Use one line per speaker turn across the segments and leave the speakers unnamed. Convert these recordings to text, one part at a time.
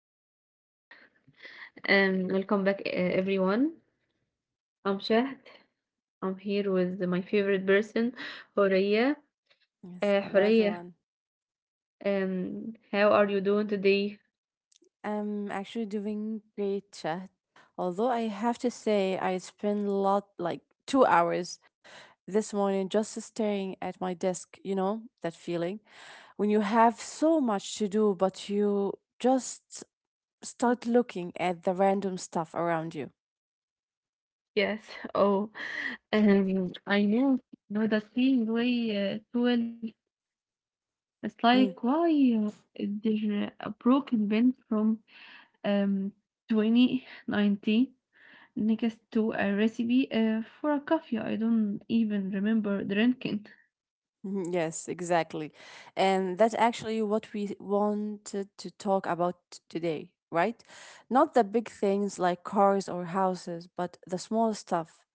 are live and welcome back, everyone. I'm Shahd. I'm here with my favorite person, Horia.
Yes, hello
Horia,
everyone.
how are you doing today?
I'm actually doing great chat. Although I have to say I spent a lot like 2 hours this morning just staring at my desk, you know, that feeling when you have so much to do but you just start looking at the random stuff around you.
Yes. Oh, I know. Know that feeling way too well. It's like why is there a broken bend from um 2019? Next to a recipe for a coffee I don't even remember drinking.
Mhm, yes, exactly. And that's actually what we wanted to talk about today, right? Not the big things like cars or houses, but the small stuff,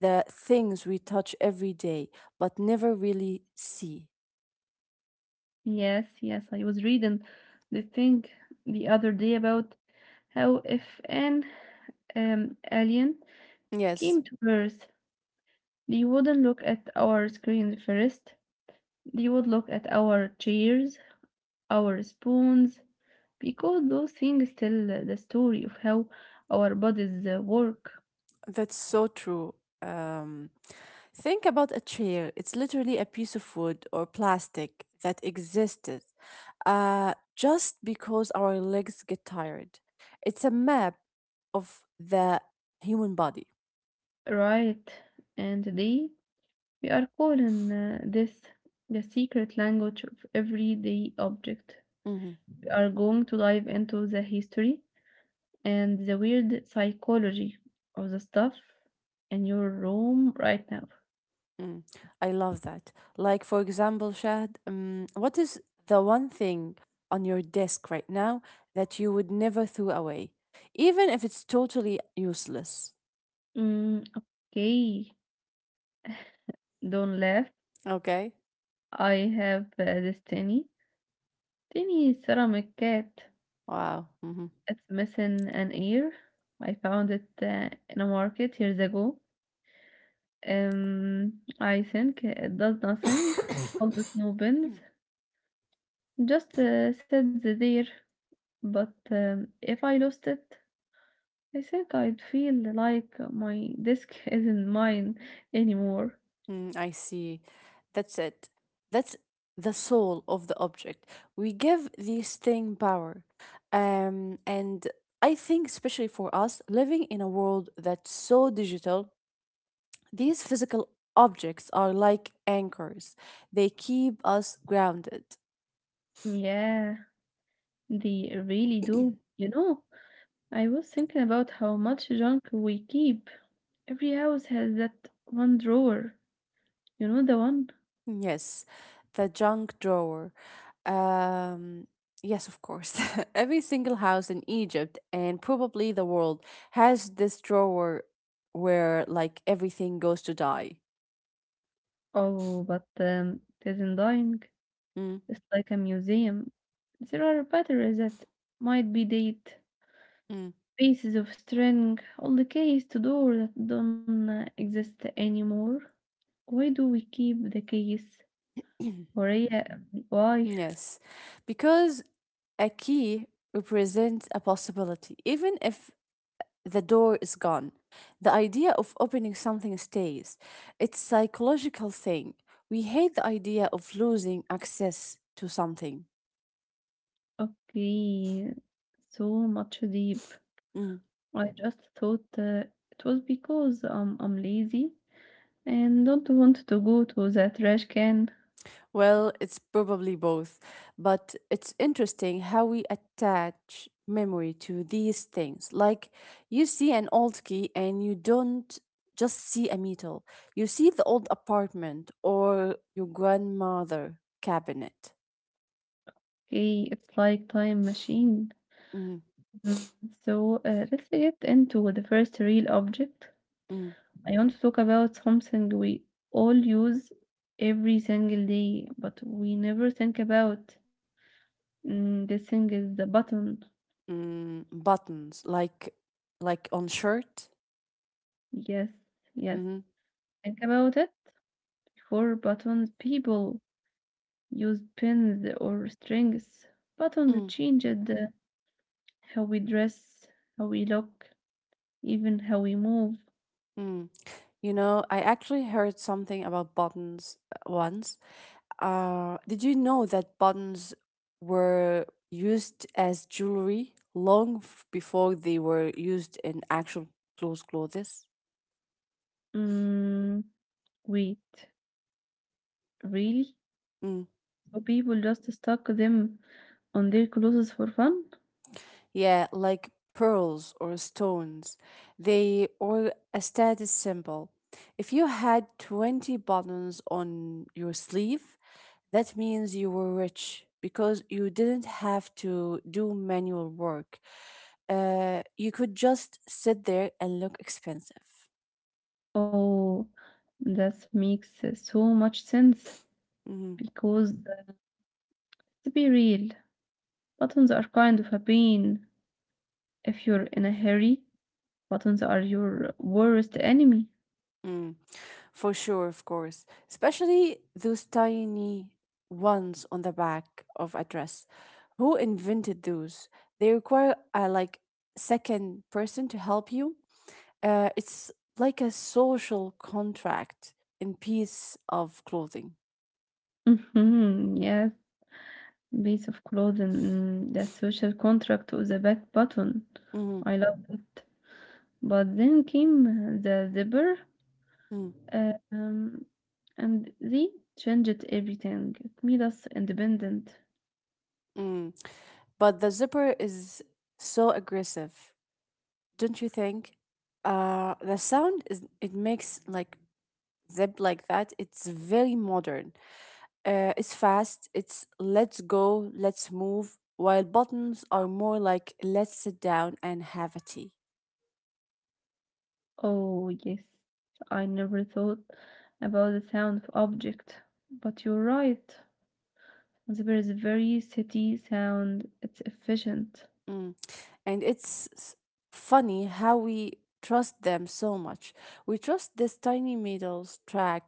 the things we touch every day but never really see.
Yes, yes, I was reading the thing the other day about how if an alien
Yes.
came to Earth, they wouldn't look at our screen first. They would look at our chairs, our spoons, because those things tell the story of how our bodies work,
That's so true. Um, think about a chair. It's literally a piece of wood or plastic that existed just because our legs get tired. It's a map of the human body.
right? And they We are calling this the secret language of everyday object.
Mhm,
We are going to dive into the history and the weird psychology of the stuff in your room right now.
mm I love that. Like, for example, Shahd, what is the one thing on your desk right now that you would never throw away, even if it's totally useless?
Mm, okay, don't laugh.
Okay.
I have this tiny, tiny ceramic cat.
Wow.
It's missing an ear. I found it in a market years ago. I think it does nothing. All the snow bins just said the there, but if I lost it, I think I'd feel like my disk isn't mine anymore.
I see. That's it. That's the soul of the object. We give these thing power. And I think, especially for us, living in a world that's so digital, these physical objects are like anchors. They keep us grounded.
Yeah, they really do. You know, I was thinking about how much junk we keep. Every house has that one drawer. You know the one?
Yes, the junk drawer. Um, yes, of course. Every single house in Egypt and probably the world has this drawer where like everything goes to die.
Oh, but it isn't dying.
Mm,
It's like a museum. There are batteries that might be dead,
mm.
pieces of string on the case to door that don't exist anymore. Why do we keep the case? Why? Why?
Yes, because a key represents a possibility, even if the door is gone. The idea of opening something stays. It's psychological thing. We hate the idea of losing access to something.
Okay, so much deep.
Mm.
I just thought it was because I'm lazy and don't want to go to the trash can.
Well, it's probably both, but it's interesting how we attach memory to these things. Like you see an old key and you don't just see a metal, you see the old apartment or your grandmother cabinet.
Okay, it's like time machine.
Mm,
Mm, so let's get into the first real object.
mm,
I want to talk about something we all use every single day, but we never think about. Mm, this thing is the button.
Buttons like on shirt.
Yes, yes.
Mm,
Think about it. Before buttons, people used pins or strings. Buttons
mm,
changed how we dress, how we look, even how we move.
mm. You know, I actually heard something about buttons once. Did you know that buttons were used as jewelry long before they were used in actual clothes?
Mm, wait, really?
Mm.
So people just stuck them on their clothes for fun?
Yeah, like pearls or stones. They were a status symbol. If you had 20 buttons on your sleeve, that means you were rich because you didn't have to do manual work. You could just sit there and look expensive.
Oh, that makes so much sense
Mhm.
because to be real, buttons are kind of a pain. If you're in a hurry, buttons are your worst enemy.
Mm, for sure, of course. Especially those tiny ones on the back of a dress. Who invented those? They require a like second person to help you. It's like a social contract in piece of clothing.
Mhm, yes, piece of clothing, mm, the social contract of the back button.
Mm,
I love it. But then came the zipper
mm,
Uh, Um, and they changed everything. It made us independent.
mm. But the zipper is so aggressive, don't you think? The sound is it makes like zip like that. It's very modern. It's fast, it's let's go, let's move, while buttons are more like let's sit down and have a tea.
Oh, yes. I never thought about the sound of object. But you're right. There is a very city sound. It's efficient.
Mm. And it's funny how we trust them so much. We trust this tiny middle track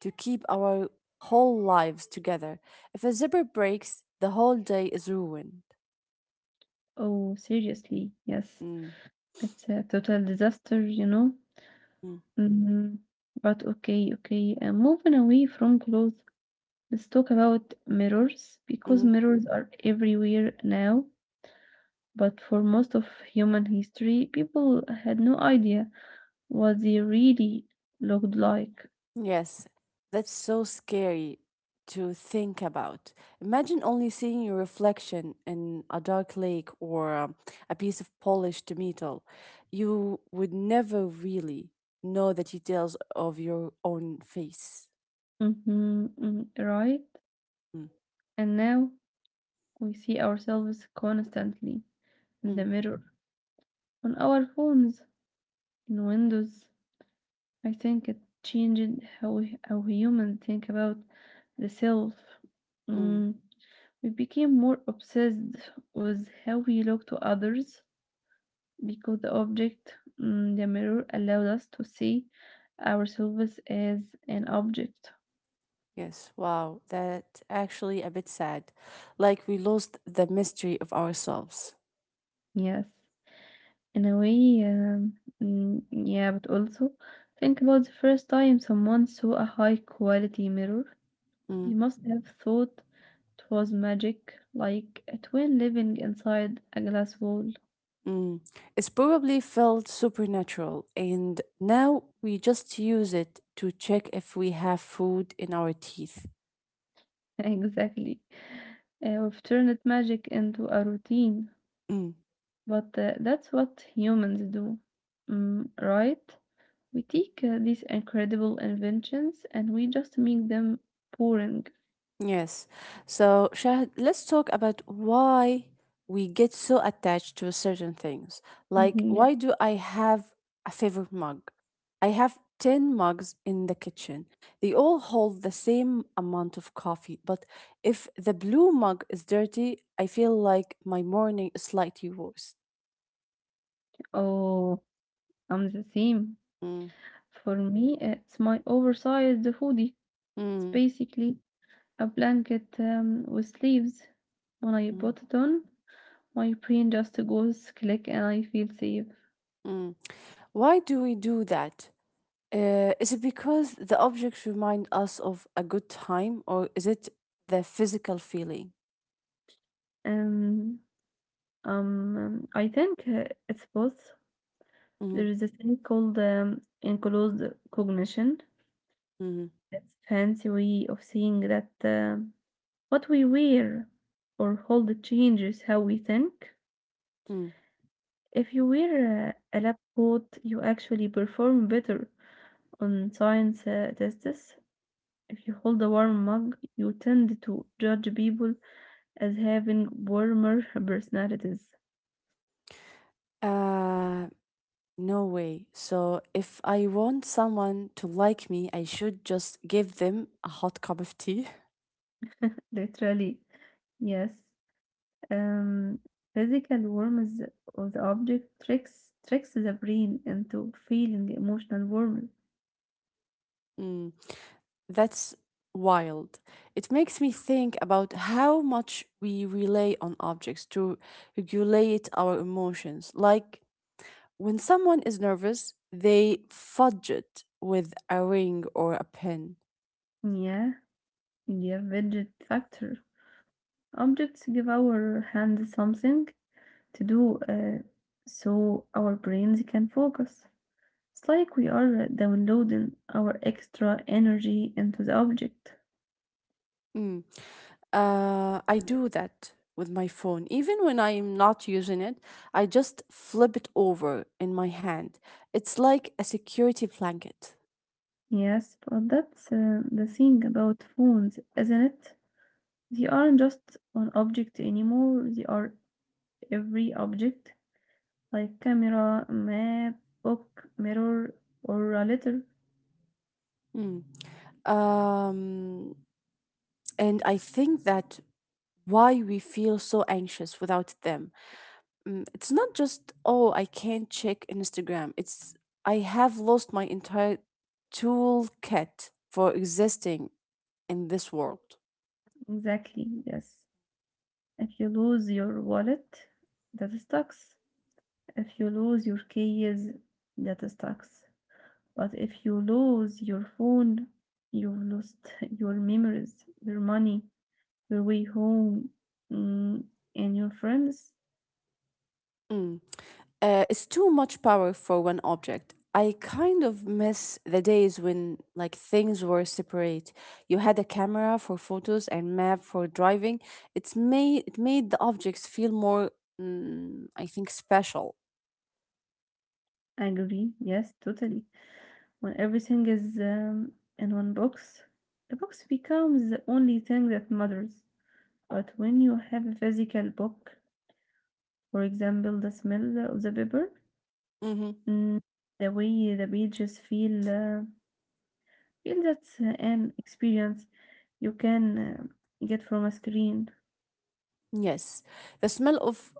to keep our whole lives together. If a zipper breaks, the whole day is ruined.
Oh, seriously. Yes.
Mm.
It's a total disaster, you know?
Mm.
Hmm. But okay, okay. Moving away from clothes, let's talk about mirrors because
Mhm.
mirrors are everywhere now. But for most of human history, people had no idea what they really looked like.
Yes, that's so scary to think about. Imagine only seeing your reflection in a dark lake or a piece of polished metal. You would never really know the details of your own face.
Mhm, mm, right?
Mm,
And now we see ourselves constantly in
mm,
the mirror, on our phones, in windows. I think it changed how humans think about the self.
mm.
Mm, we became more obsessed with how we look to others because the object, mm, the mirror, allowed us to see ourselves as an object.
Yes, wow, that actually a bit sad. Like we lost the mystery of ourselves.
Yes, in a way, mm, yeah, but also think about the first time someone saw a high quality mirror. They
Mm.
must have thought it was magic, like a twin living inside a glass wall.
Mm. It's probably felt supernatural, and now we just use it to check if we have food in our teeth.
Exactly. We've turned magic into a routine,
Mm.
but that's what humans do, mm, right? We take these incredible inventions and we just make them boring.
Yes. So, Shahid, let's talk about why we get so attached to certain things. Like,
Mhm, yeah.
why do I have a favorite mug? I have 10 mugs in the kitchen. They all hold the same amount of coffee, but if the blue mug is dirty, I feel like my morning is slightly worse.
Oh, I'm the same.
Mm.
For me, it's my oversized hoodie. It's
Mm,
basically a blanket with sleeves. When I
mm,
put it on, my brain just goes click and I feel safe.
mm. Why do we do that? Is it because the objects remind us of a good time, or is it the physical feeling?
Um, I think it's both.
Hmm.
There is a thing called enclosed cognition.
Hmm.
It's fancy way of saying that. What we wear or hold changes how we think.
Mm.
If you wear a lab coat, you actually perform better on science tests. If you hold a warm mug, you tend to judge people as having warmer personalities.
Uh, no way. So, if I want someone to like me, I should just give them a hot cup of tea.
Literally, yes. Um, physical warmth of the object tricks the brain into feeling emotional warmth.
Mm. That's wild. It makes me think about how much we rely on objects to regulate our emotions. Like, when someone is nervous, they fudge it with a ring or a pen.
Yeah, yeah, rigid factor. Objects give our hands something to do so our brains can focus. It's like we are downloading our extra energy into the object.
Mm. I do that with my phone. Even when I'm not using it, I just flip it over in my hand. It's like a security blanket.
Yes, but that's the thing about phones, isn't it? They aren't just one object anymore, they are every object, like camera, map, book, mirror, or a letter.
Mm. Um, and I think that why we feel so anxious without them. Mm, it's not just oh I can't check Instagram, it's I have lost my entire toolkit for existing in this world.
Exactly, yes. If you lose your wallet, that sucks. If you lose your keys, that sucks. But if you lose your phone, you have lost your memories, your money, your way home, mm, and your friends.
Mm. It's too much power for one object. I kind of miss the days when like things were separate. You had a camera for photos and map for driving. It made the objects feel more, mm, I think special.
I agree. Yes, totally. When everything is in one box, the box becomes the only thing that matters. But when you have a physical book, for example, the smell of the paper,
Hmm.
mm, the way the pages feel. Feel that's an experience you can get from a screen.
Yes, the smell of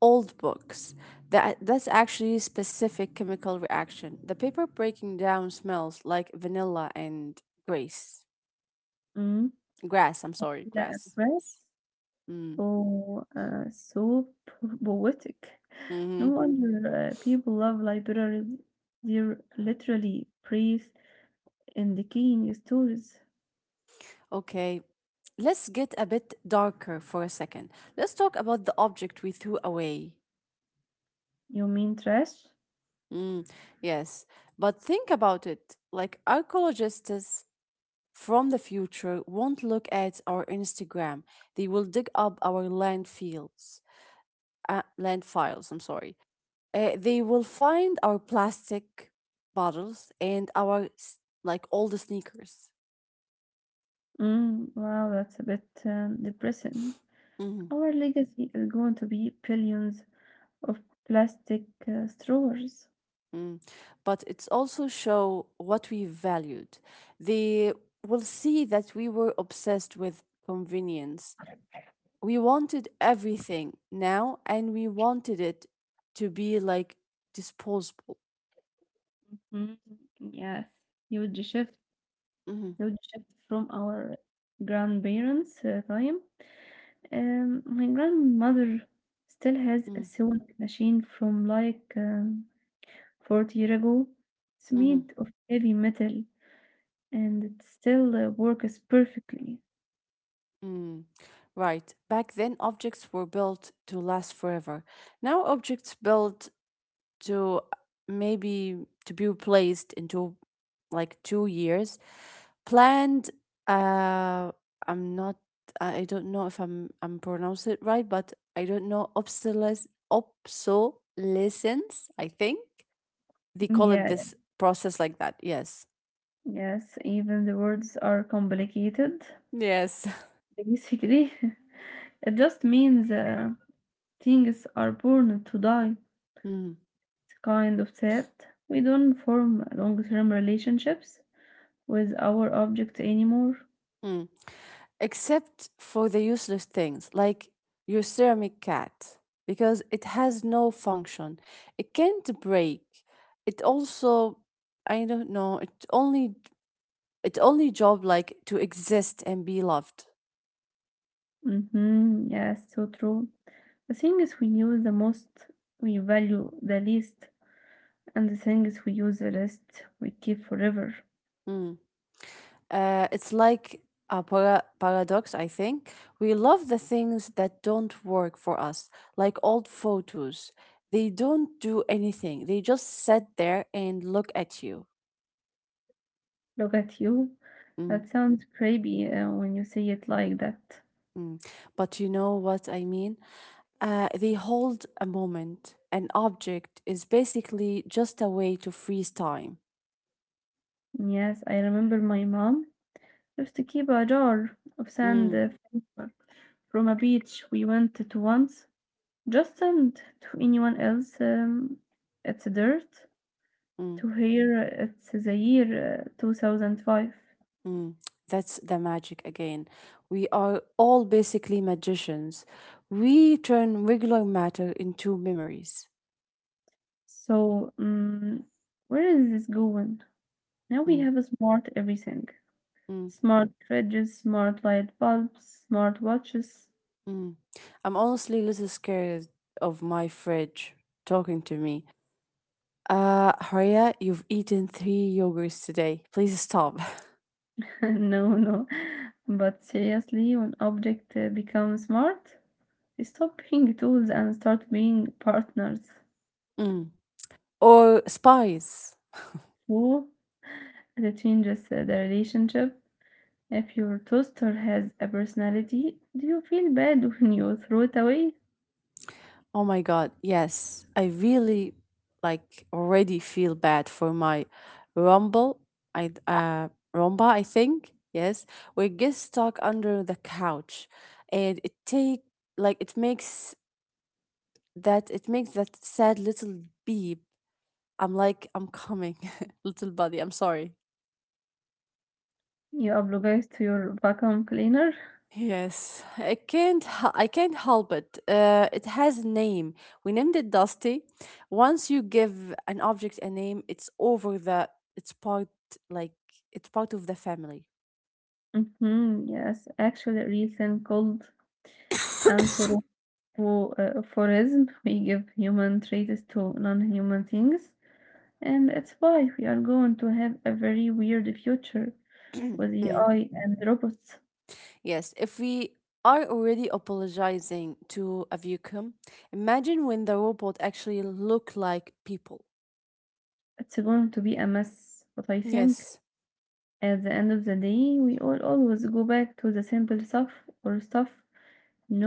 old books. That's actually a specific chemical reaction. The paper breaking down smells like vanilla and grace.
Mm.
Grass, I'm sorry,
لا
grass.
بس
Mm,
و so poetic. No
hmm.
wonder people love libraries, they're literally praised in the king stories.
Okay. Let's get a bit darker for a second. Let's talk about the object we threw away.
You mean trash?
Mm, yes, but think about it. Like archaeologists from the future won't look at our Instagram. They will dig up our landfills. Uh, land files, I'm sorry. They will find our plastic bottles and our like all the sneakers.
Mm, wow, that's a bit depressing.
Mhm,
Our legacy is going to be billions of plastic straws.
mm. But it's also show what we valued. They will see that we were obsessed with convenience. We wanted everything now, and we wanted it to be like disposable.
Mm, yes, huge shift.
Mm-hmm.
Now shift from our grandparents' time. My grandmother still has a
Mm-hmm.
sewing machine from like 40 years ago. It's
Mm-hmm.
made of heavy metal and it still works perfectly.
Mm, right. Back then, objects were built to last forever. Now, objects built to maybe to be replaced into like 2 years. Planned. Uh, I'm not. I don't know if I'm pronounce it right, but I don't know obsolescence. Obsolescence. I think they call it
Yeah,
this process like that. Yes.
yes, even the words are complicated.
Yes.
Basically, it just means things are born to die. It's kind of sad. We don't form long term relationships with our object anymore.
Mm. Except for the useless things like your ceramic cat, because it has no function. It can't break. It also, I don't know, it only job like to exist and be loved.
Mm-hmm. Yes, so true. The things we use the most, we value the least, and the things we use the least, we keep forever.
Mm. It's like a paradox, I think. We love the things that don't work for us, like old photos. They don't do anything. They just sit there and look at you.
Look at you.
Mm.
That sounds creepy when you say it like that.
Mm. But you know what I mean? They hold a moment. An object is basically just a way to freeze time.
Yes, I remember my mom used to keep a jar of sand
Mm,
from a beach we went to once. Just send to anyone else. It's dirt.
mm,
To here, it's the year 2005.
mm. That's the magic again. We are all basically magicians. We turn regular matter into memories.
So, where is this going? Now we
Mm,
have a smart everything.
mm,
Smart fridges, smart light bulbs, smart watches.
mm. I'm honestly a little scared of my fridge talking to me. Haria, you've eaten three yogurts today. Please stop.
No, no. But seriously, when objects become smart, they stop being tools and start being partners.
Mm. Or spies.
Whoa, it changes the relationship. If your toaster has a personality, do you feel bad when you throw it away?
Oh my god, yes. I really like already feel bad for my rumble. I Rumba, I think. Yes. We get stuck under the couch and it take like it makes that sad little beep. I'm like I'm coming, little buddy. I'm sorry.
You obligate to your vacuum cleaner?
Yes, I can't. I can't help it. It has a name. We named it Dusty. Once you give an object a name, it's over the. It's part like it's part of the family.
Hmm. Yes, actually, recent cold anthropomorphism. We give human traits to non-human things, and that's why we are going to have a very weird future with
Mm.
AI and robots.
Yes, if we are already apologizing to a vacuum, imagine when the robot actually look like people.
It's going to be a mess, but I think
Yes.
at the end of the day, we all always go back to the simple stuff or stuff.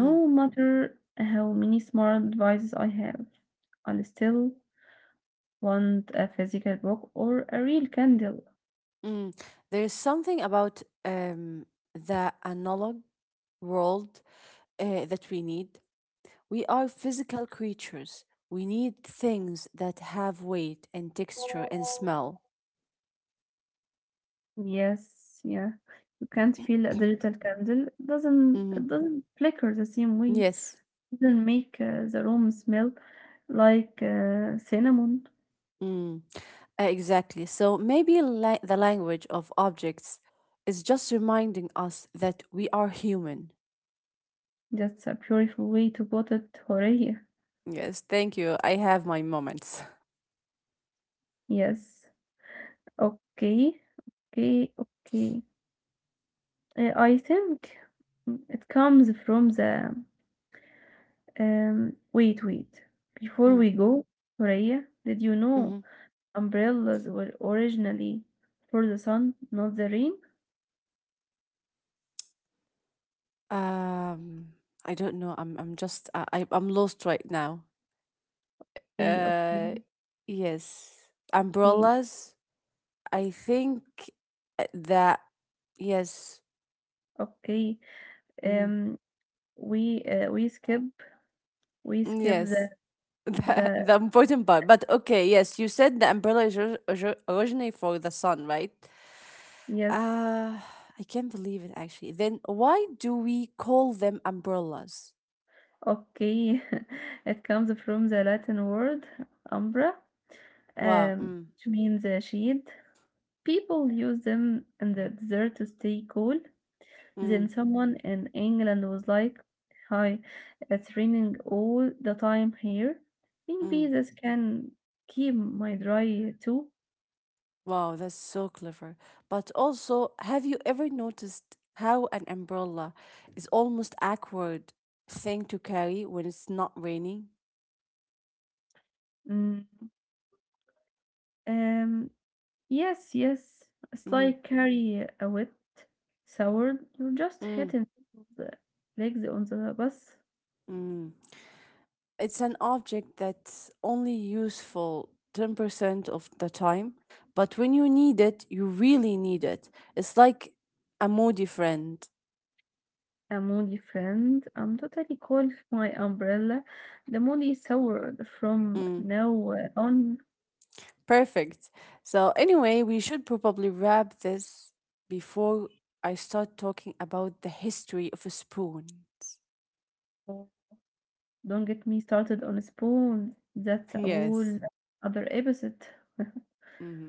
Mm.
matter how many smart devices I have, I'll still want a physical book or a real candle.
Mm. There's something about um the analog world that we need. We are physical creatures. We need things that have weight and texture and smell.
Yes, yeah. You can't feel a digital candle. It doesn't it
Mhm.
doesn't flicker the same way.
Yes.
It doesn't make the room smell like cinnamon.
Mm. Exactly. So maybe the language of objects is just reminding us that we are human.
That's a beautiful way to put it, Horea.
Yes, thank you. I have my moments.
Yes. Okay. Okay. Okay. I think it comes from the wait, wait. Before
Mm,
we go, Soraya, did you
mhm.
know umbrellas were originally for the sun, not the rain?
Um, I don't know. I'm just I- I'm lost right now.
Okay,
Uh,
okay,
yes.
okay,
Umbrellas, I think that yes,
okay.
mhm,
Um, we uh, we skip we
mm,
skip
yes,
the the
the important part. But okay, yes, you said the umbrella is originally for the sun, right?
yes.
Uh, I can't believe it actually. Then why do we call them umbrellas?
Okay, it comes from the Latin word umbra,
Wow.
which means shade. People use them in the desert to stay cool.
Mm,
Then someone in England was like, "Hi, it's raining all the time here. Maybe
mm.
this can keep my dry too."
Wow, that's so clever. But also, have you ever noticed how an umbrella is almost awkward thing to carry when it's not raining?
Mm, um, yes, yes. It's
Mm-hmm.
like carry a wet sour. You're just
Mm.
hitting the legs on the bus.
Mm. It's an object that's only useful 10% of the time, but when you need it, you really need it. It's like a moody friend.
A moody friend. I'm totally cold with my umbrella. The moody sour from
Mm.
now on.
Perfect. So, anyway, we should probably wrap this before I start talking about the history of a spoon.
Don't get me started on spoons. That's a whole
Yes.
other episode.
Mm-hmm.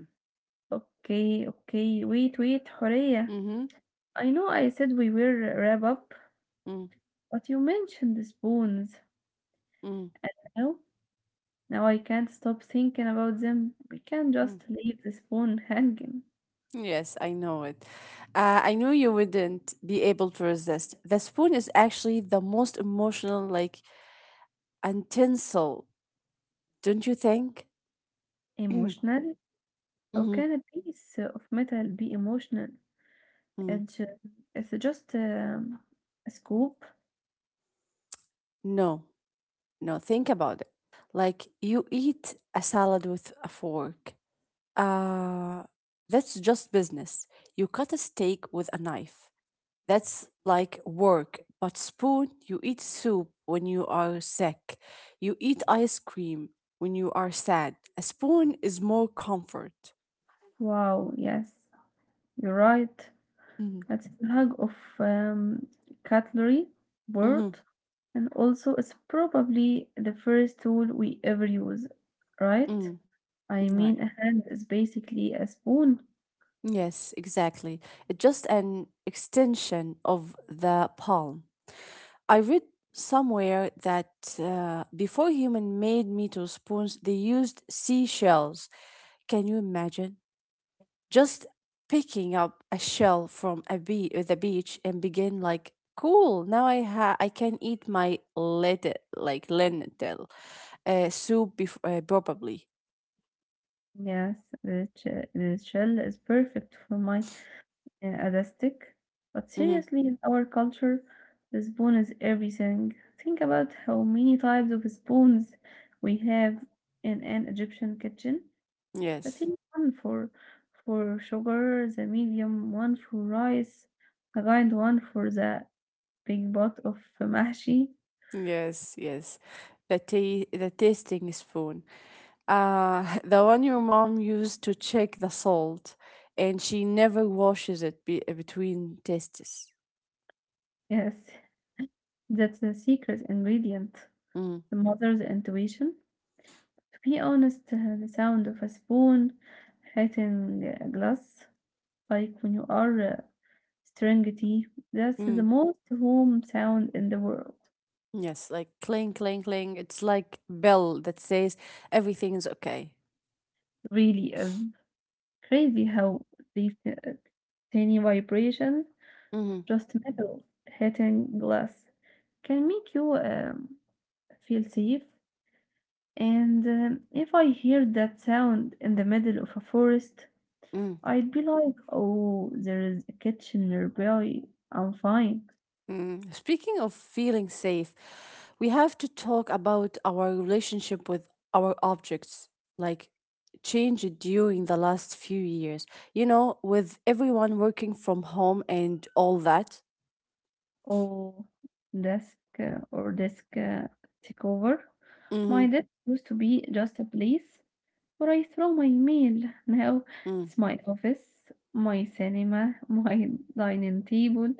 Okay, okay. Wait, wait, Horea.
Mm-hmm.
I know I said we will wrap up, but you mentioned the spoons.
Mm-hmm.
Now, now I can't stop thinking about them. We can't
Mm.
just leave the spoon hanging.
Yes, I know it. I knew you wouldn't be able to resist. The spoon is actually the most emotional, like, utensil, don't you think?
Emotional? How
Mm-hmm.
can a piece of metal be emotional?
Mm.
It's, ju- it's just a scoop.
No, no, think about it. Like, you eat a salad with a fork. Uh, that's just business. You cut a steak with a knife. That's like work. But spoon, you eat soup when you are sick. You eat ice cream when you are sad. A spoon is more comfort.
Wow, yes, you're right.
Mhm,
That's a hug of um, cutlery
mhm,
board, and also it's probably the first tool we ever use, right?
mm,
I
Right.
mean, a hand is basically a spoon.
Yes, exactly. It's just an extension of the palm. I read somewhere that before human made meat or spoons, they used seashells. Can you imagine? Just picking up a shell from a be the beach and begin like, cool, now I can eat my lentil soup bef probably.
Yes, the shell is perfect for my other stick. But
hmm
seriously, in our culture, the spoon is everything. Think about how many types of spoons we have in an Egyptian kitchen. I
yes
think one for sugar, the medium one for rice, the kind one for the big pot of mahshi.
Yes, the tasting spoon, the one your mom used to check the salt, and she never washes it between tastes.
Yes, that's the secret ingredient.
Mm-hmm.
The mother's intuition. To be honest, the sound of a spoon hitting a glass, like when you are stirring tea, that's
Mm-hmm.
the most home sound in the world.
Yes, like cling, cling, cling. It's like bell that says everything is okay.
Really is. Crazy how these tiny vibrations,
hmm
just metal hitting glass, can make you feel safe. And if I hear that sound in the middle of a forest,
mm
I'd be like, oh, there is a kitchen nearby. I'm fine.
Speaking of feeling safe, we have to talk about our relationship with our objects, like change it during the last few years. You know, with everyone working from home and all that.
Oh, desk desk take over. My
Mm-hmm.
desk used to be just a place but I throw my meal. Now
Mm-hmm.
it's my office, my cinema, my dining table,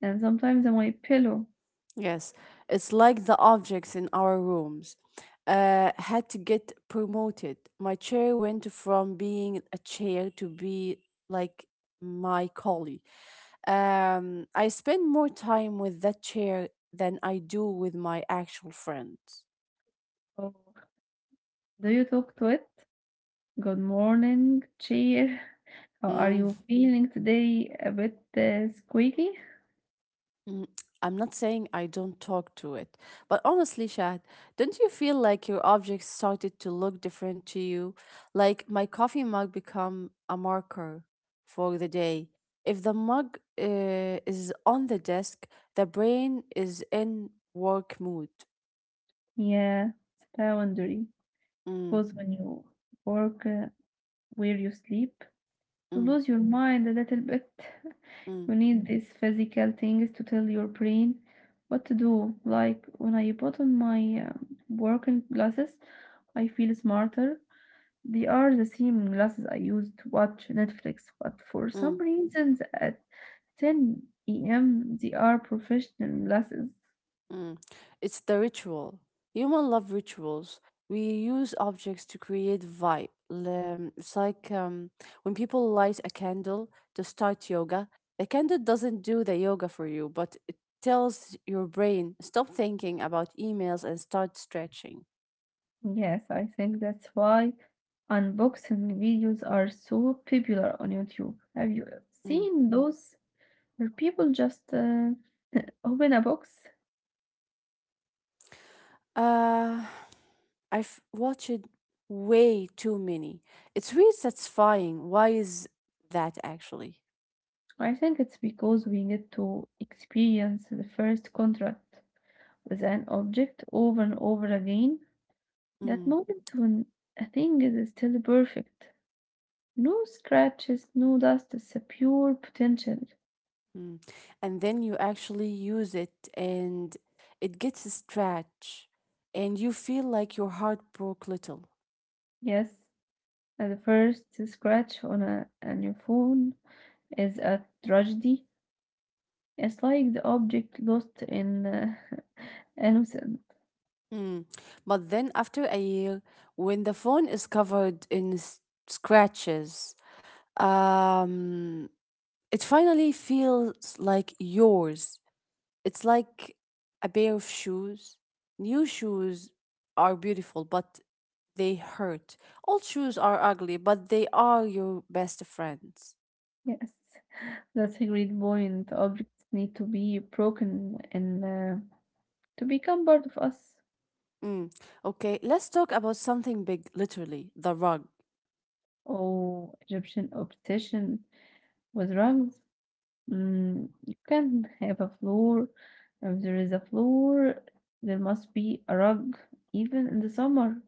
and sometimes my pillow.
Yes, it's like the objects in our rooms had to get promoted. My chair went from being a chair to be like my collie. I spend more time with that chair than I do with my actual friends.
So, do you talk to it? Good morning, cheer. How are
Mm-hmm.
you feeling today? A bit squeaky?
Mm, I'm not saying I don't talk to it, but honestly, Shad, don't you feel like your objects started to look different to you? Like my coffee mug become a marker for the day. If the mug is on the desk, the brain is in work mood.
Yeah, it's boundary.
Mm,
Because when you work where you sleep,
mm,
lose your mind a little bit.
mm,
You need these physical things to tell your brain what to do. Like when I put on my working glasses, I feel smarter. They are the same glasses I use to watch Netflix, but for
mm.
some reasons at 10 a.m. they are professional glasses.
Mm. It's the ritual. Human love rituals. We use objects to create vibe. It's like when people light a candle to start yoga, the candle doesn't do the yoga for you, but it tells your brain stop thinking about emails and start stretching.
Yes, I think that's why unboxing videos are so popular on YouTube. Have you
Mm.
seen those? Where people just open a box.
Uh, I've watched way too many. It's really satisfying. Why is that actually?
I think it's because we get to experience the first contact with an object over and over again. That
Mm.
moment when a thing is still perfect. No scratches, no dust, it's a pure potential.
Mm. And then you actually use it and it gets a stretch and you feel like your heart broke little.
Yes, the first scratch on a new phone is a tragedy. It's like the object lost in innocent.
Mm. But then after a year, when the phone is covered in scratches, um, it finally feels like yours. It's like a pair of shoes. New shoes are beautiful, but they hurt. Old shoes are ugly, but they are your best friends.
Yes, that's a great point. Objects need to be broken and to become part of us.
Mm. Okay, let's talk about something big, literally the rug.
Oh, Egyptian obsession with rugs. Mm, you can not have a floor. If there is a floor, there must be a rug, even in the summer.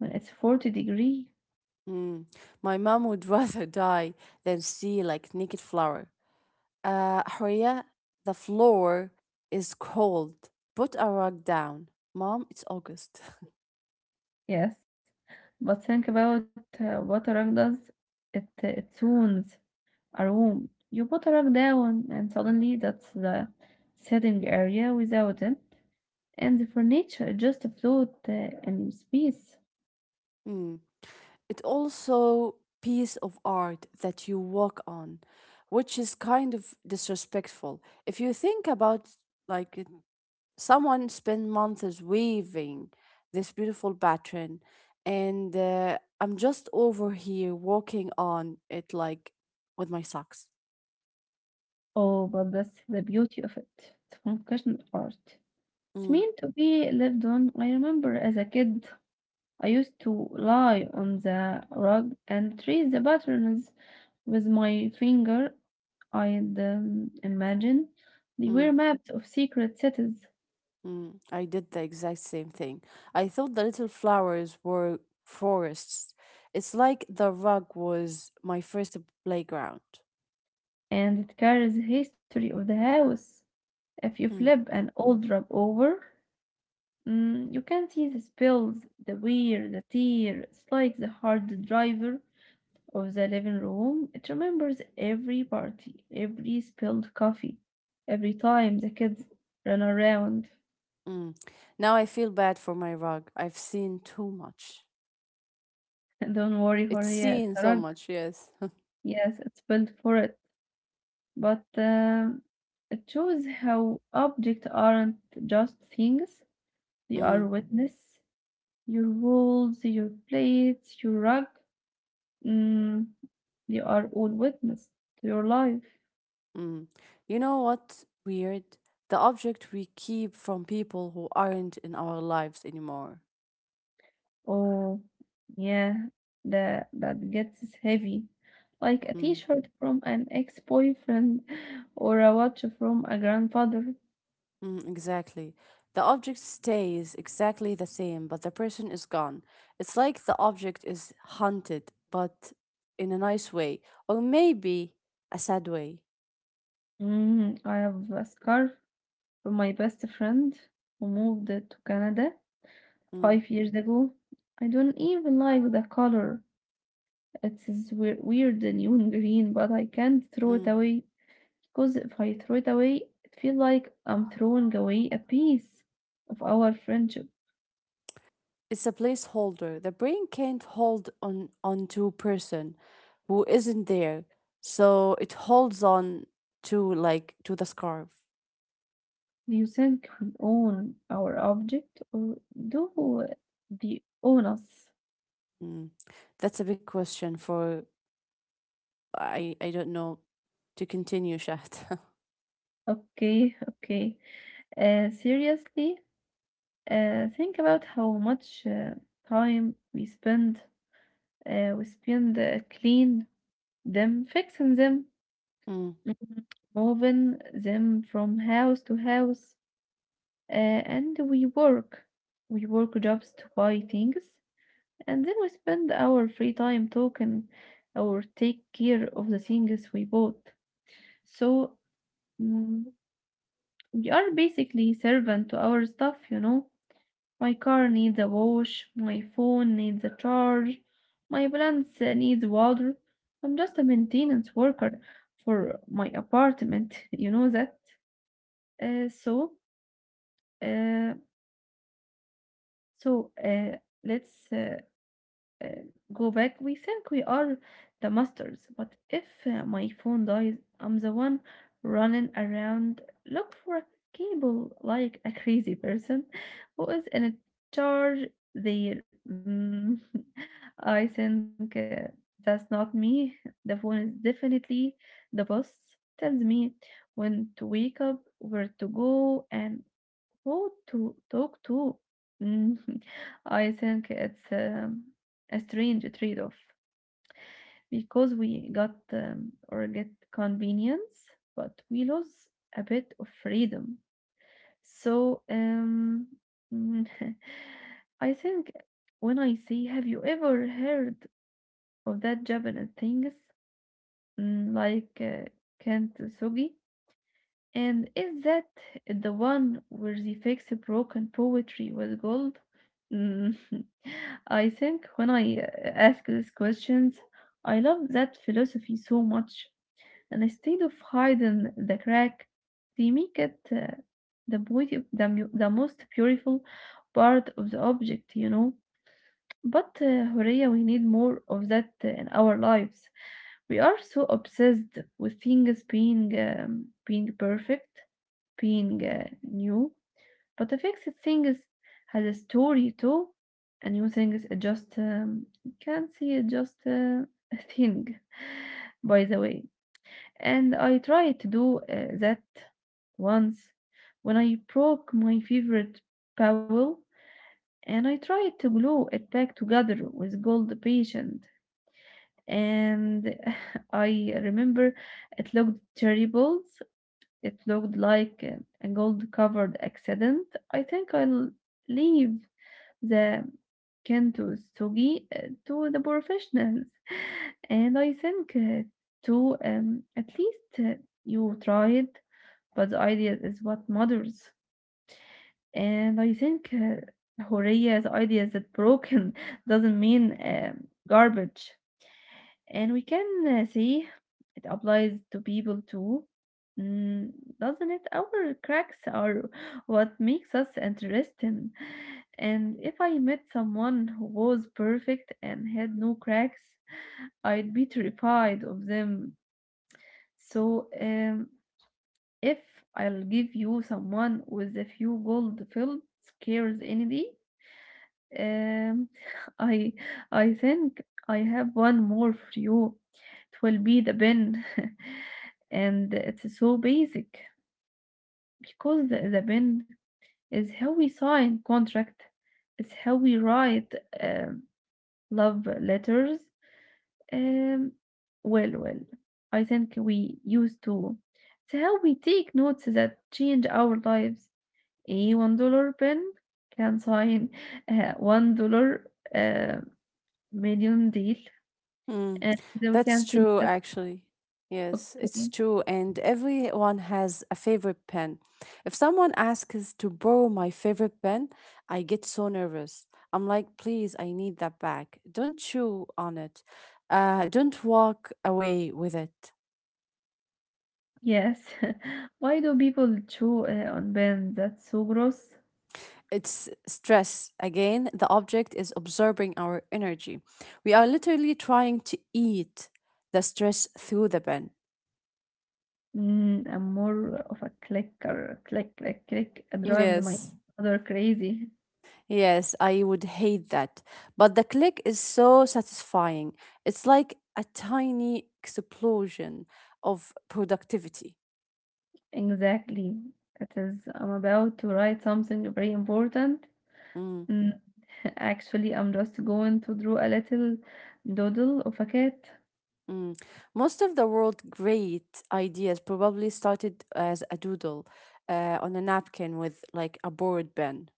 Well, it's 40 degree.
Mm. My mom would rather die than see like naked flower. Horia, the floor is cold. Put a rug down, mom. It's August.
Yes, but think about what a rug does. It tunes a room. You put a rug down, and suddenly that's the sitting area without it, and the furniture just float in space.
Mm. It also piece of art that you walk on, which is kind of disrespectful if you think about it. Someone spent months weaving this beautiful pattern, and I'm just over here walking on it like with my socks.
Oh, but that's the beauty of it. It's compassionate art. It's
Mm,
meant to be lived on. I remember as a kid, I used to lie on the rug and trace the patterns with my finger. I'd imagine they
mm,
were maps of secret cities,
mm. I did the exact same thing. I thought the little flowers were forests. It's like the rug was my first playground.
and it carries the history of the house. If you
Mm,
flip an old rug over, mm, you can see the spills, the wear, the tear. It's like the hard driver of the living room. It remembers every party, every spilled coffee, every time the kids run around.
mm. Now I feel bad for my rug, I've seen too much.
Don't worry,
It's
Horia, it's
seen
a
so
rug.
much, yes.
Yes, it's built for it. But it shows how objects aren't just things. They are
Mm.
witness. Your walls, your plates, your rug. Mm, you are all witness to your life.
Mm. You know what's weird? The object we keep from people who aren't in our lives anymore.
Oh, yeah, that gets heavy. Like a
Mm.
t-shirt from an ex-boyfriend or a watch from a grandfather.
Mm, exactly. The object stays exactly the same, but the person is gone. It's like the object is haunted, but in a nice way, or maybe a sad way.
Mm, I have a scarf from my best friend who moved to Canada
Mm.
5 years ago. I don't even like the color. It's this weird neon green, but I can't throw
Mm.
it away. Cause if I throw it away, it feels like I'm throwing away a piece of our friendship.
It's a placeholder. The brain can't hold on onto a person who isn't there, so it holds on to the scarf.
Do you think we own our object or do they own us?
Mm. That's a big question for I don't know to continue Shaft.
Okay, okay. Seriously, think about how much time we spend clean them, fixing them,
Mm.
Mhm. moving them from house to house, and we work. We work jobs to buy things, and then we spend our free time talking or take care of the things we bought. So mm, we are basically servant to our stuff, you know. My car needs a wash, my phone needs a charge, my plants needs water. I'm just a maintenance worker for my apartment, you know that. Uh, so, uh, so let's uh, go back, we think we are the masters. But if my phone dies, I'm the one running around look for a cable like a crazy person who is in charge there. I think that's not me. The phone is definitely the boss. Tells me when to wake up, where to go, and who to talk to? Mm, I think it's a strange trade-off because we got or get convenience, but we lose a bit of freedom. So, um, mm, I think when I say, have you ever heard of that Japanese things mm, like uh, kintsugi? And is that the one where they fix broken poetry with gold? Mm, I think when I ask these questions, I love that philosophy so much. And instead of hiding the crack, they make it the most beautiful part of the object, you know? But Horea, we need more of that in our lives. We are so obsessed with things being perfect, being new. But the fixed things has a story too, and new things are just can't see it just a thing. By the way, and I tried to do that once when I broke my favorite bowl and I tried to glue it back together with gold patient. And I remember it looked terrible. It looked like a gold covered accident. I think I'll leave the Kento to the professionals. And I think to at least you try it, but the idea is what matters. And I think Horia's idea that broken doesn't mean garbage. And we can see it applies to people too. Mm, doesn't it? Our cracks are what makes us interesting. And if I met someone who was perfect and had no cracks, I'd be terrified of them. So, if I'll give you someone with a few gold filled scares any day, um, I I think I have one more for you. It will be the pen, and it's so basic because the pen is how we sign contract. It's how we write um, love letters. Um, well, well, I think we used to. It's how we take notes that change our lives. A $1 pen can sign $1 uh, Million deal,
Mm.
and so we
That's
can see
true
that
actually. Yes, it's
okay.
true and everyone has a favorite pen. If someone asks to borrow my favorite pen, I get so nervous. I'm like, "Please, I need that back. Don't chew on it. Don't walk away with it."
Yes. Why do people chew on pens? That's so gross.
It's stress. Again, the object is absorbing our energy. We are literally trying to eat the stress through the pen.
Mm, I'm more of a clicker. Click, click, click. It drives my
Yes.
mother crazy.
Yes, I would hate that. But the click is so satisfying. It's like a tiny explosion of productivity.
Exactly. It is. I'm about to write something very important.
Mm,
Mm, actually, I'm just going to draw a little doodle of a cat.
mm. Most of the world's great ideas probably started as a doodle on a napkin with like a board pen.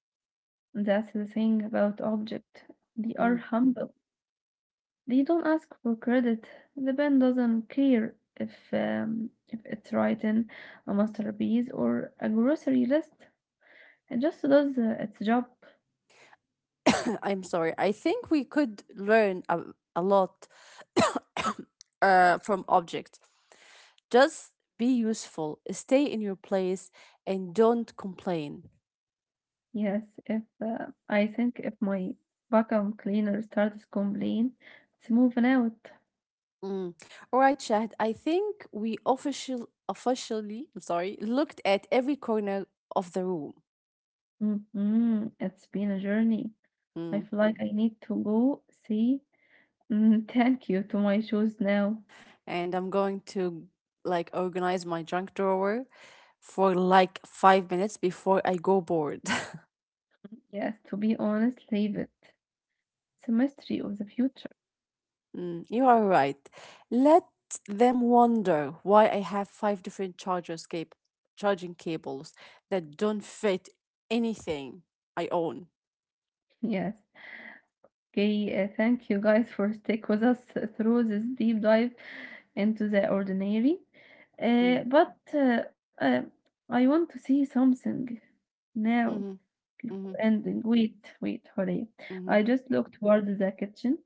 That's the thing about object. They are
Mm.
humble. They don't ask for credit. The band doesn't care if it's written a masterpiece or a grocery list. It just does its job.
I'm sorry. I think we could learn a lot from objects. Just be useful, stay in your place, and don't complain.
Yes, if I think if my vacuum cleaner starts complaining, it's moving out.
Mm. All right, Shahd. I think we officially, I'm sorry, looked at every corner of the room.
Hmm. It's been a journey. I
Mm.
feel like I need to go say thank you to my shoes now.
And I'm going to like organize my junk drawer for like 5 minutes before I go bored.
Yes, to be honest, leave it. It's a mystery of the future.
Mm, you are right. Let them wonder why I have five different charging cables that don't fit anything I own.
Yes. Okay, thank you guys for stick with us through this deep dive into the ordinary.
Mm,
But I want to see something now.
hmm
Before
hmm
ending, wait, wait, hurry.
hmm
I just looked towards the kitchen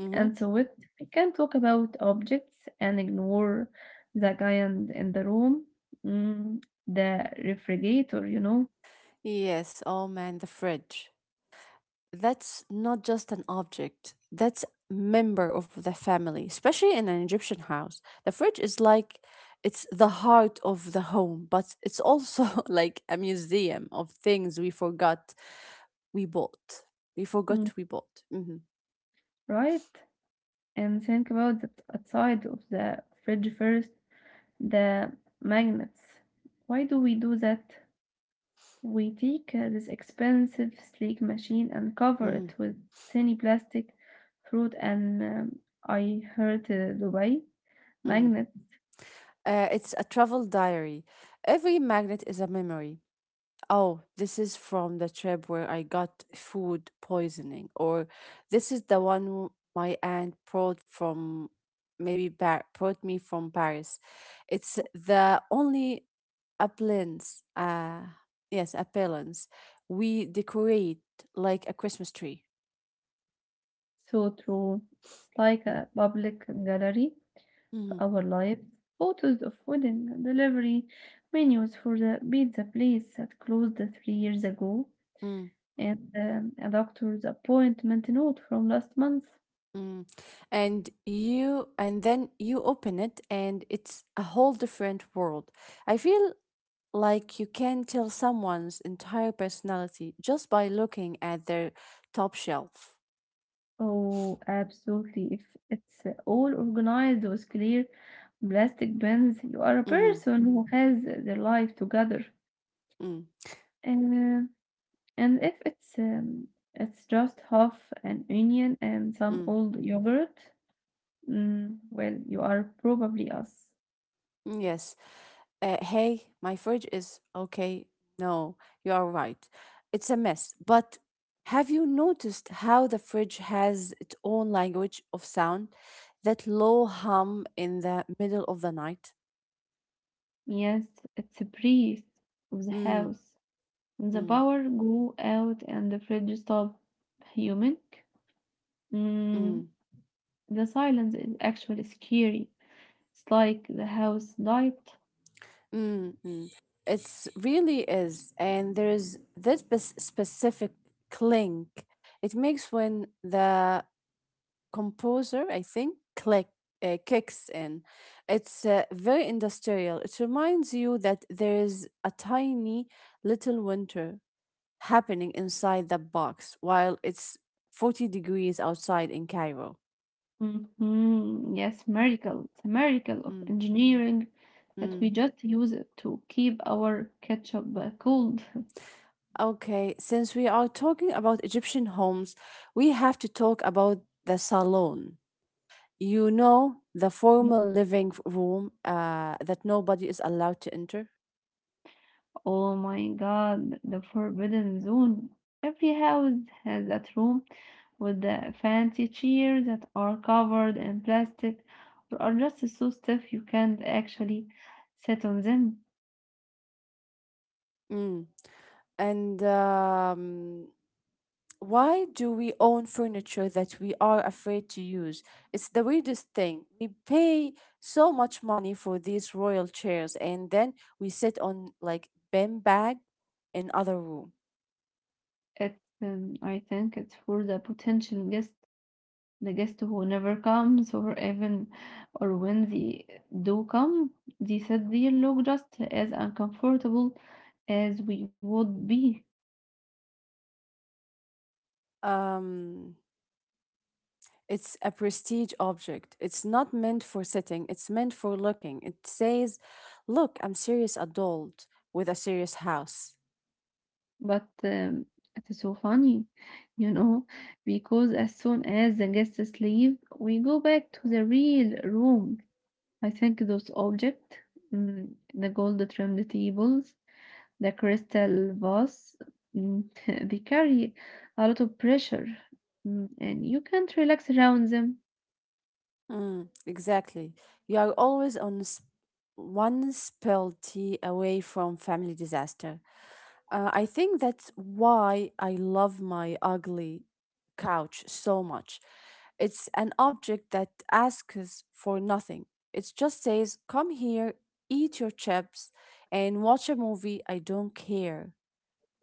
hmm.
and saw it. We can talk about objects and ignore the guy in the room, mm, the refrigerator, you know,
Yes. Oh man, the fridge. That's not just an object, that's member of the family. Especially in an Egyptian house, the fridge is like it's the heart of the home, but it's also like a museum of things we forgot we bought we
mm,
forgot we bought. Hmm
right? And think about that outside of the fridge first. The magnets. Why do we do that? We take this expensive sleek machine and cover
hmm
it with tiny plastic fruit and I heard Dubai
mm.
magnet
It's a travel diary. Every magnet is a memory. Oh, this is from the trip where I got food poisoning, or this is the one my aunt brought from brought me from Paris. It's the only appliance, yes, appliance we decorate like a Christmas tree.
so true. It's like
Mm,
a public gallery of
mm-hmm.
our lives. Photos of wedding delivery menus for the pizza place that closed 3 years ago
Mm,
and a doctor's appointment note from last month.
mm. And then you open it, and it's a whole different world. I feel like you can tell someone's entire personality just by looking at their top shelf.
Oh, absolutely. If it's all organized with clear plastic bins, you are a
Mm,
person who has their life together.
mm,
And uh, and if it's it's just half an onion and some
mm,
old yogurt, mm, well, you are probably us.
mm, yes. Hey, my fridge is okay. No, you are right. It's a mess. But have you noticed how the fridge has its own language of sound? That low hum in the middle of the night?
Yes, it's a priest of the
Mm,
house. The
mm,
power go out and the fridge stop humming. Mm,
mm.
the silence is actually scary. It's like the house light.
Mm, mm. It's really is, and there's this specific clink it makes when the composer, I think, click kicks in. It's very industrial. It reminds you that there is a tiny little winter happening inside the box while it's 40 degrees outside in Cairo.
Hmm. Yes, miracle. It's a miracle of
Mm,
engineering that
mm.
we just use it to keep our ketchup cold.
Okay, since we are talking about Egyptian homes, we have to talk about the salon. You know, the formal living room that nobody is allowed to enter.
Oh my God, the forbidden zone. Every house has that room with the fancy chairs that are covered in plastic or are just so stiff you can't actually sit on them.
Mm. And why do we own furniture that we are afraid to use? It's the weirdest thing. We pay so much money for these royal chairs, and then we sit on like beanbag in other room.
It, I think it's for the potential guests. The guest who never comes or even or when they do come, they said they look just as uncomfortable as we would be.
Um, It's a prestige object. It's not meant for sitting, it's meant for looking. It says, look, I'm serious adult with a serious house.
But it's so funny, you know, because as soon as the guests leave, we go back to the real room. I think those objects, the gold trimmed tables, the crystal vase, mm, they carry a lot of pressure, and you can't relax around them.
Mm, exactly. You are always on one spilled tea away from family disaster. I think that's why I love my ugly couch so much. It's an object that asks for nothing. It just says, come here, eat your chips, and watch a movie. I don't care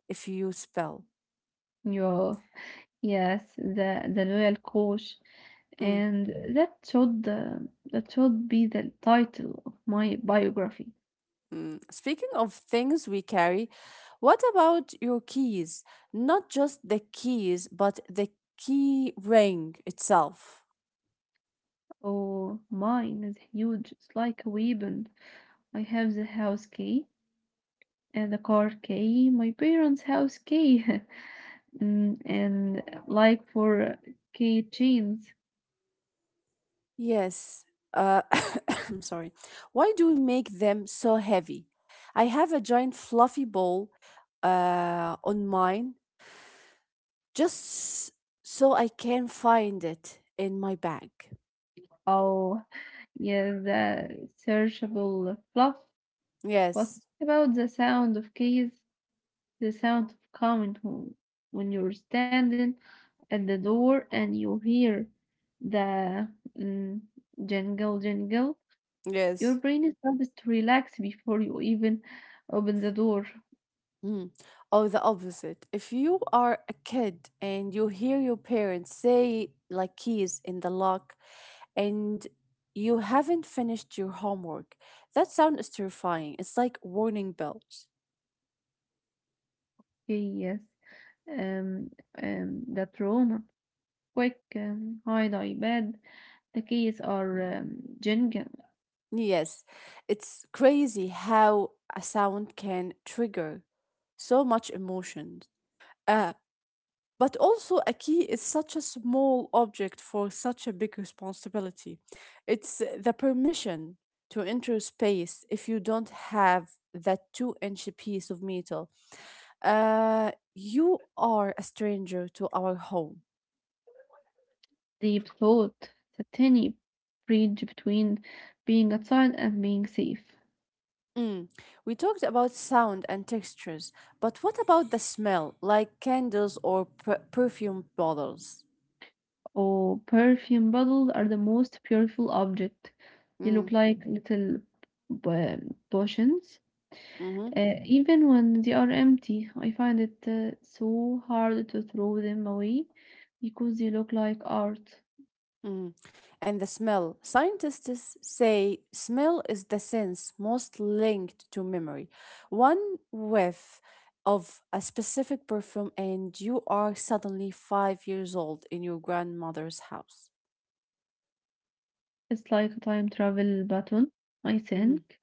if you spell.
Yo, yes, the loyal coach,
Mm,
and that should that should be the title of my biography.
mm. Speaking of things we carry, what about your keys? Not just the keys, but the key ring itself.
Oh, mine is huge. It's like a weapon. I have the house key and the car key, my parents' house key, and like for key chains.
Yes. Uh, I'm sorry. Why do we make them so heavy? I have a giant fluffy ball on mine just so I can find it in my bag.
Oh, yeah, the searchable fluff was
Yes.
about the sound of keys, the sound of coming home. When you're standing at the door and you hear the mm, jingle, jingle,
Yes.
your brain starts to relax before you even open the door.
Mm. Or the opposite. If you are a kid and you hear your parents say, like, keys in the lock, and you haven't finished your homework, that sound is terrifying. It's like warning bells.
Okay, yes. Um, the trauma. Quick, hide iPad. The keys are jingle.
Yes, it's crazy how a sound can trigger so much emotion. Uh, but also, a key is such a small object for such a big responsibility. It's the permission to enter space if you don't have that two-inch piece of metal. You are a stranger to our home.
Deep thought, the tiny bridge between being outside and being safe.
Mm. We talked about sound and textures, but what about the smell, like candles or perfume bottles?
Oh, perfume bottles are the most beautiful object. They
Mm.
look like little potions.
Mm-hmm.
Even when they are empty, I find it so hard to throw them away because they look like art.
Mm. And the smell. Scientists say smell is the sense most linked to memory. One whiff of a specific perfume, and you are suddenly 5 years old in your grandmother's house.
It's like a time travel button, I
Mm-hmm.
think.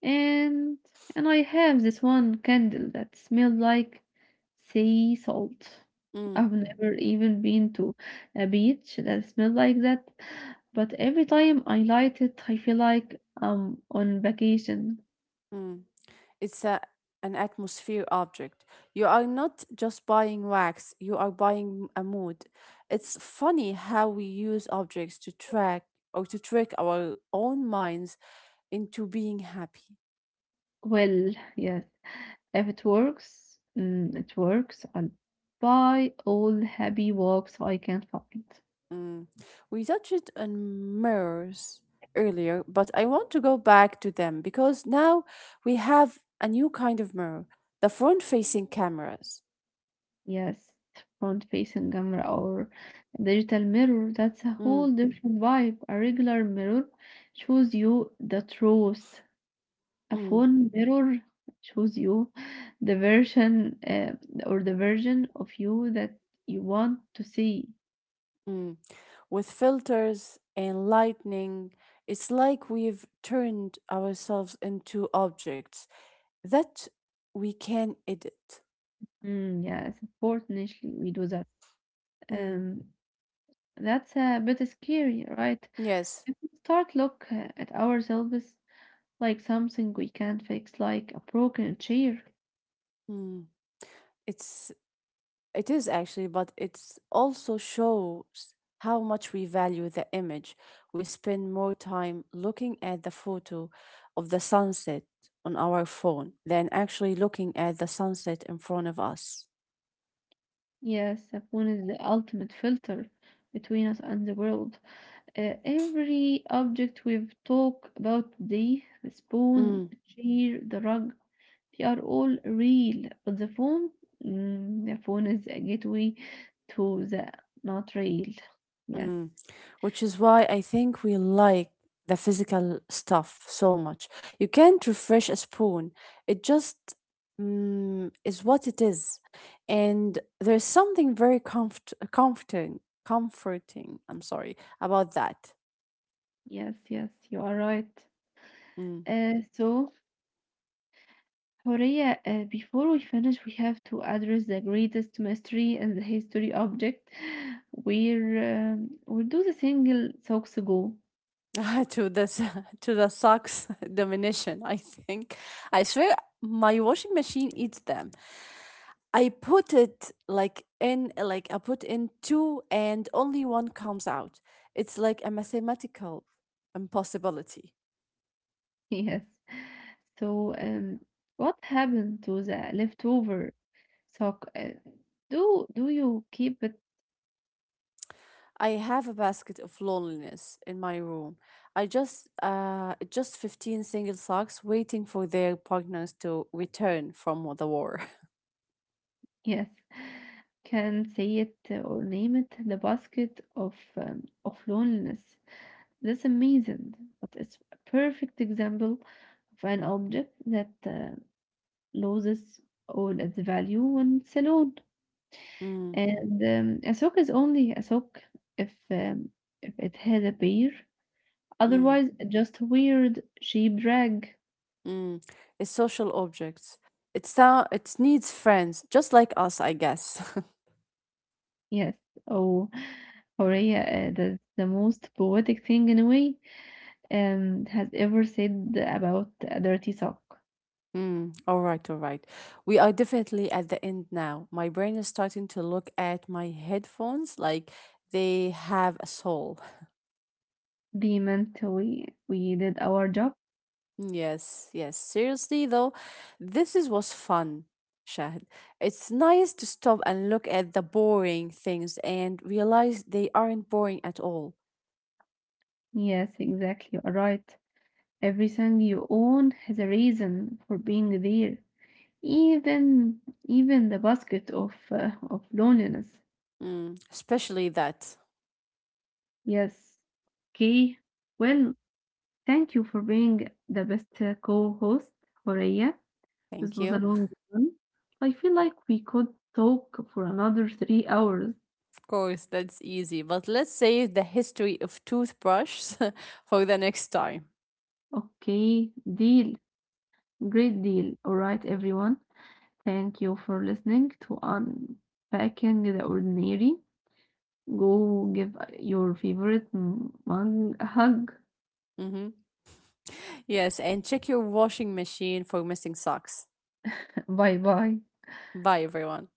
and and I have this one candle that smelled like sea salt.
Mm.
I've never even been to a beach that smelled like that, but every time I light it, I feel like I'm on vacation.
Mm. It's a, an atmosphere object. You are not just buying wax, you are buying a mood. It's funny how we use objects to track or to trick our own minds into being happy.
Well, yes, if it works, it works. I'll buy all happy walks I can find.
Mm. We touched it on mirrors earlier, but I want to go back to them because now we have a new kind of mirror, the front facing cameras.
Yes, front-facing camera or digital mirror, that's a
Mm,
whole different vibe. A regular mirror shows you the truth. A
mm.
phone mirror shows you the version or the version of you that you want to see.
Mm. With filters and lightning, it's like we've turned ourselves into objects that we can edit.
Yes, unfortunately, we do that.
Mm.
Um, that's a bit scary, right?
Yes.
If we start look at ourselves like something we can't fix, like a broken chair.
Mm. It's it is actually, but it's also shows how much we value the image. We spend more time looking at the photo of the sunset on our phone than actually looking at the sunset in front of us.
Yes, the phone is the ultimate filter between us and the world. Every object we've talked about today, the spoon,
Mm.
the chair, the rug, they are all real. But the phone, the phone is a gateway to the not real. Yes,
Mm. Which is why I think we like the physical stuff so much. You can't refresh a spoon, it just is what it is. And there's something very comforting, I'm sorry, about that.
yes, you are right.
Mm.
So Horea, before we finish, we have to address the greatest mystery in the history object. Where do the single socks go?
To the socks domination I think. I swear my washing machine eats them. I put it like in like I put in two and only one comes out. It's like a mathematical impossibility.
Yes. So, what happened to the leftover sock? Do you keep it?
I have a basket of loneliness in my room. I just 15 single socks waiting for their partners to return from the war.
Yes. Can say it or name it the basket of loneliness. That's amazing, but it's a perfect example of an object that. Loses all its value in Ceylon.
Mm,
And a sock is only a sock if if it has a bear.
mm.
Otherwise, just weird sheep rag.
Mm, a social object. It sound it needs friends, just like us, I guess.
Yes. Oh, Horea, that's the most poetic thing in a way has ever said about a dirty sock.
Mm, all right, all right. We are definitely at the end now. My brain is starting to look at my headphones like they have a soul.
They meant we did our job.
Yes, yes. Seriously though, this is was fun. Shahid. It's nice to stop and look at the boring things and realize they aren't boring at all.
Yes, exactly. You are right. Everything you own has a reason for being there. Even the basket of loneliness.
Mm, especially that.
Yes. Okay. Well, thank you for being the best co-host, Horea. This
Thank
was a
you.
long one. I feel like we could talk for another 3 hours.
Course, that's easy. But let's save the history of toothbrushes for the next time.
Okay, deal. Great deal. All right, everyone. Thank you for listening to Unpacking the Ordinary. Go give your favorite one a hug.
Hmm. Yes, and check your washing machine for missing socks.
Bye bye.
Bye, everyone.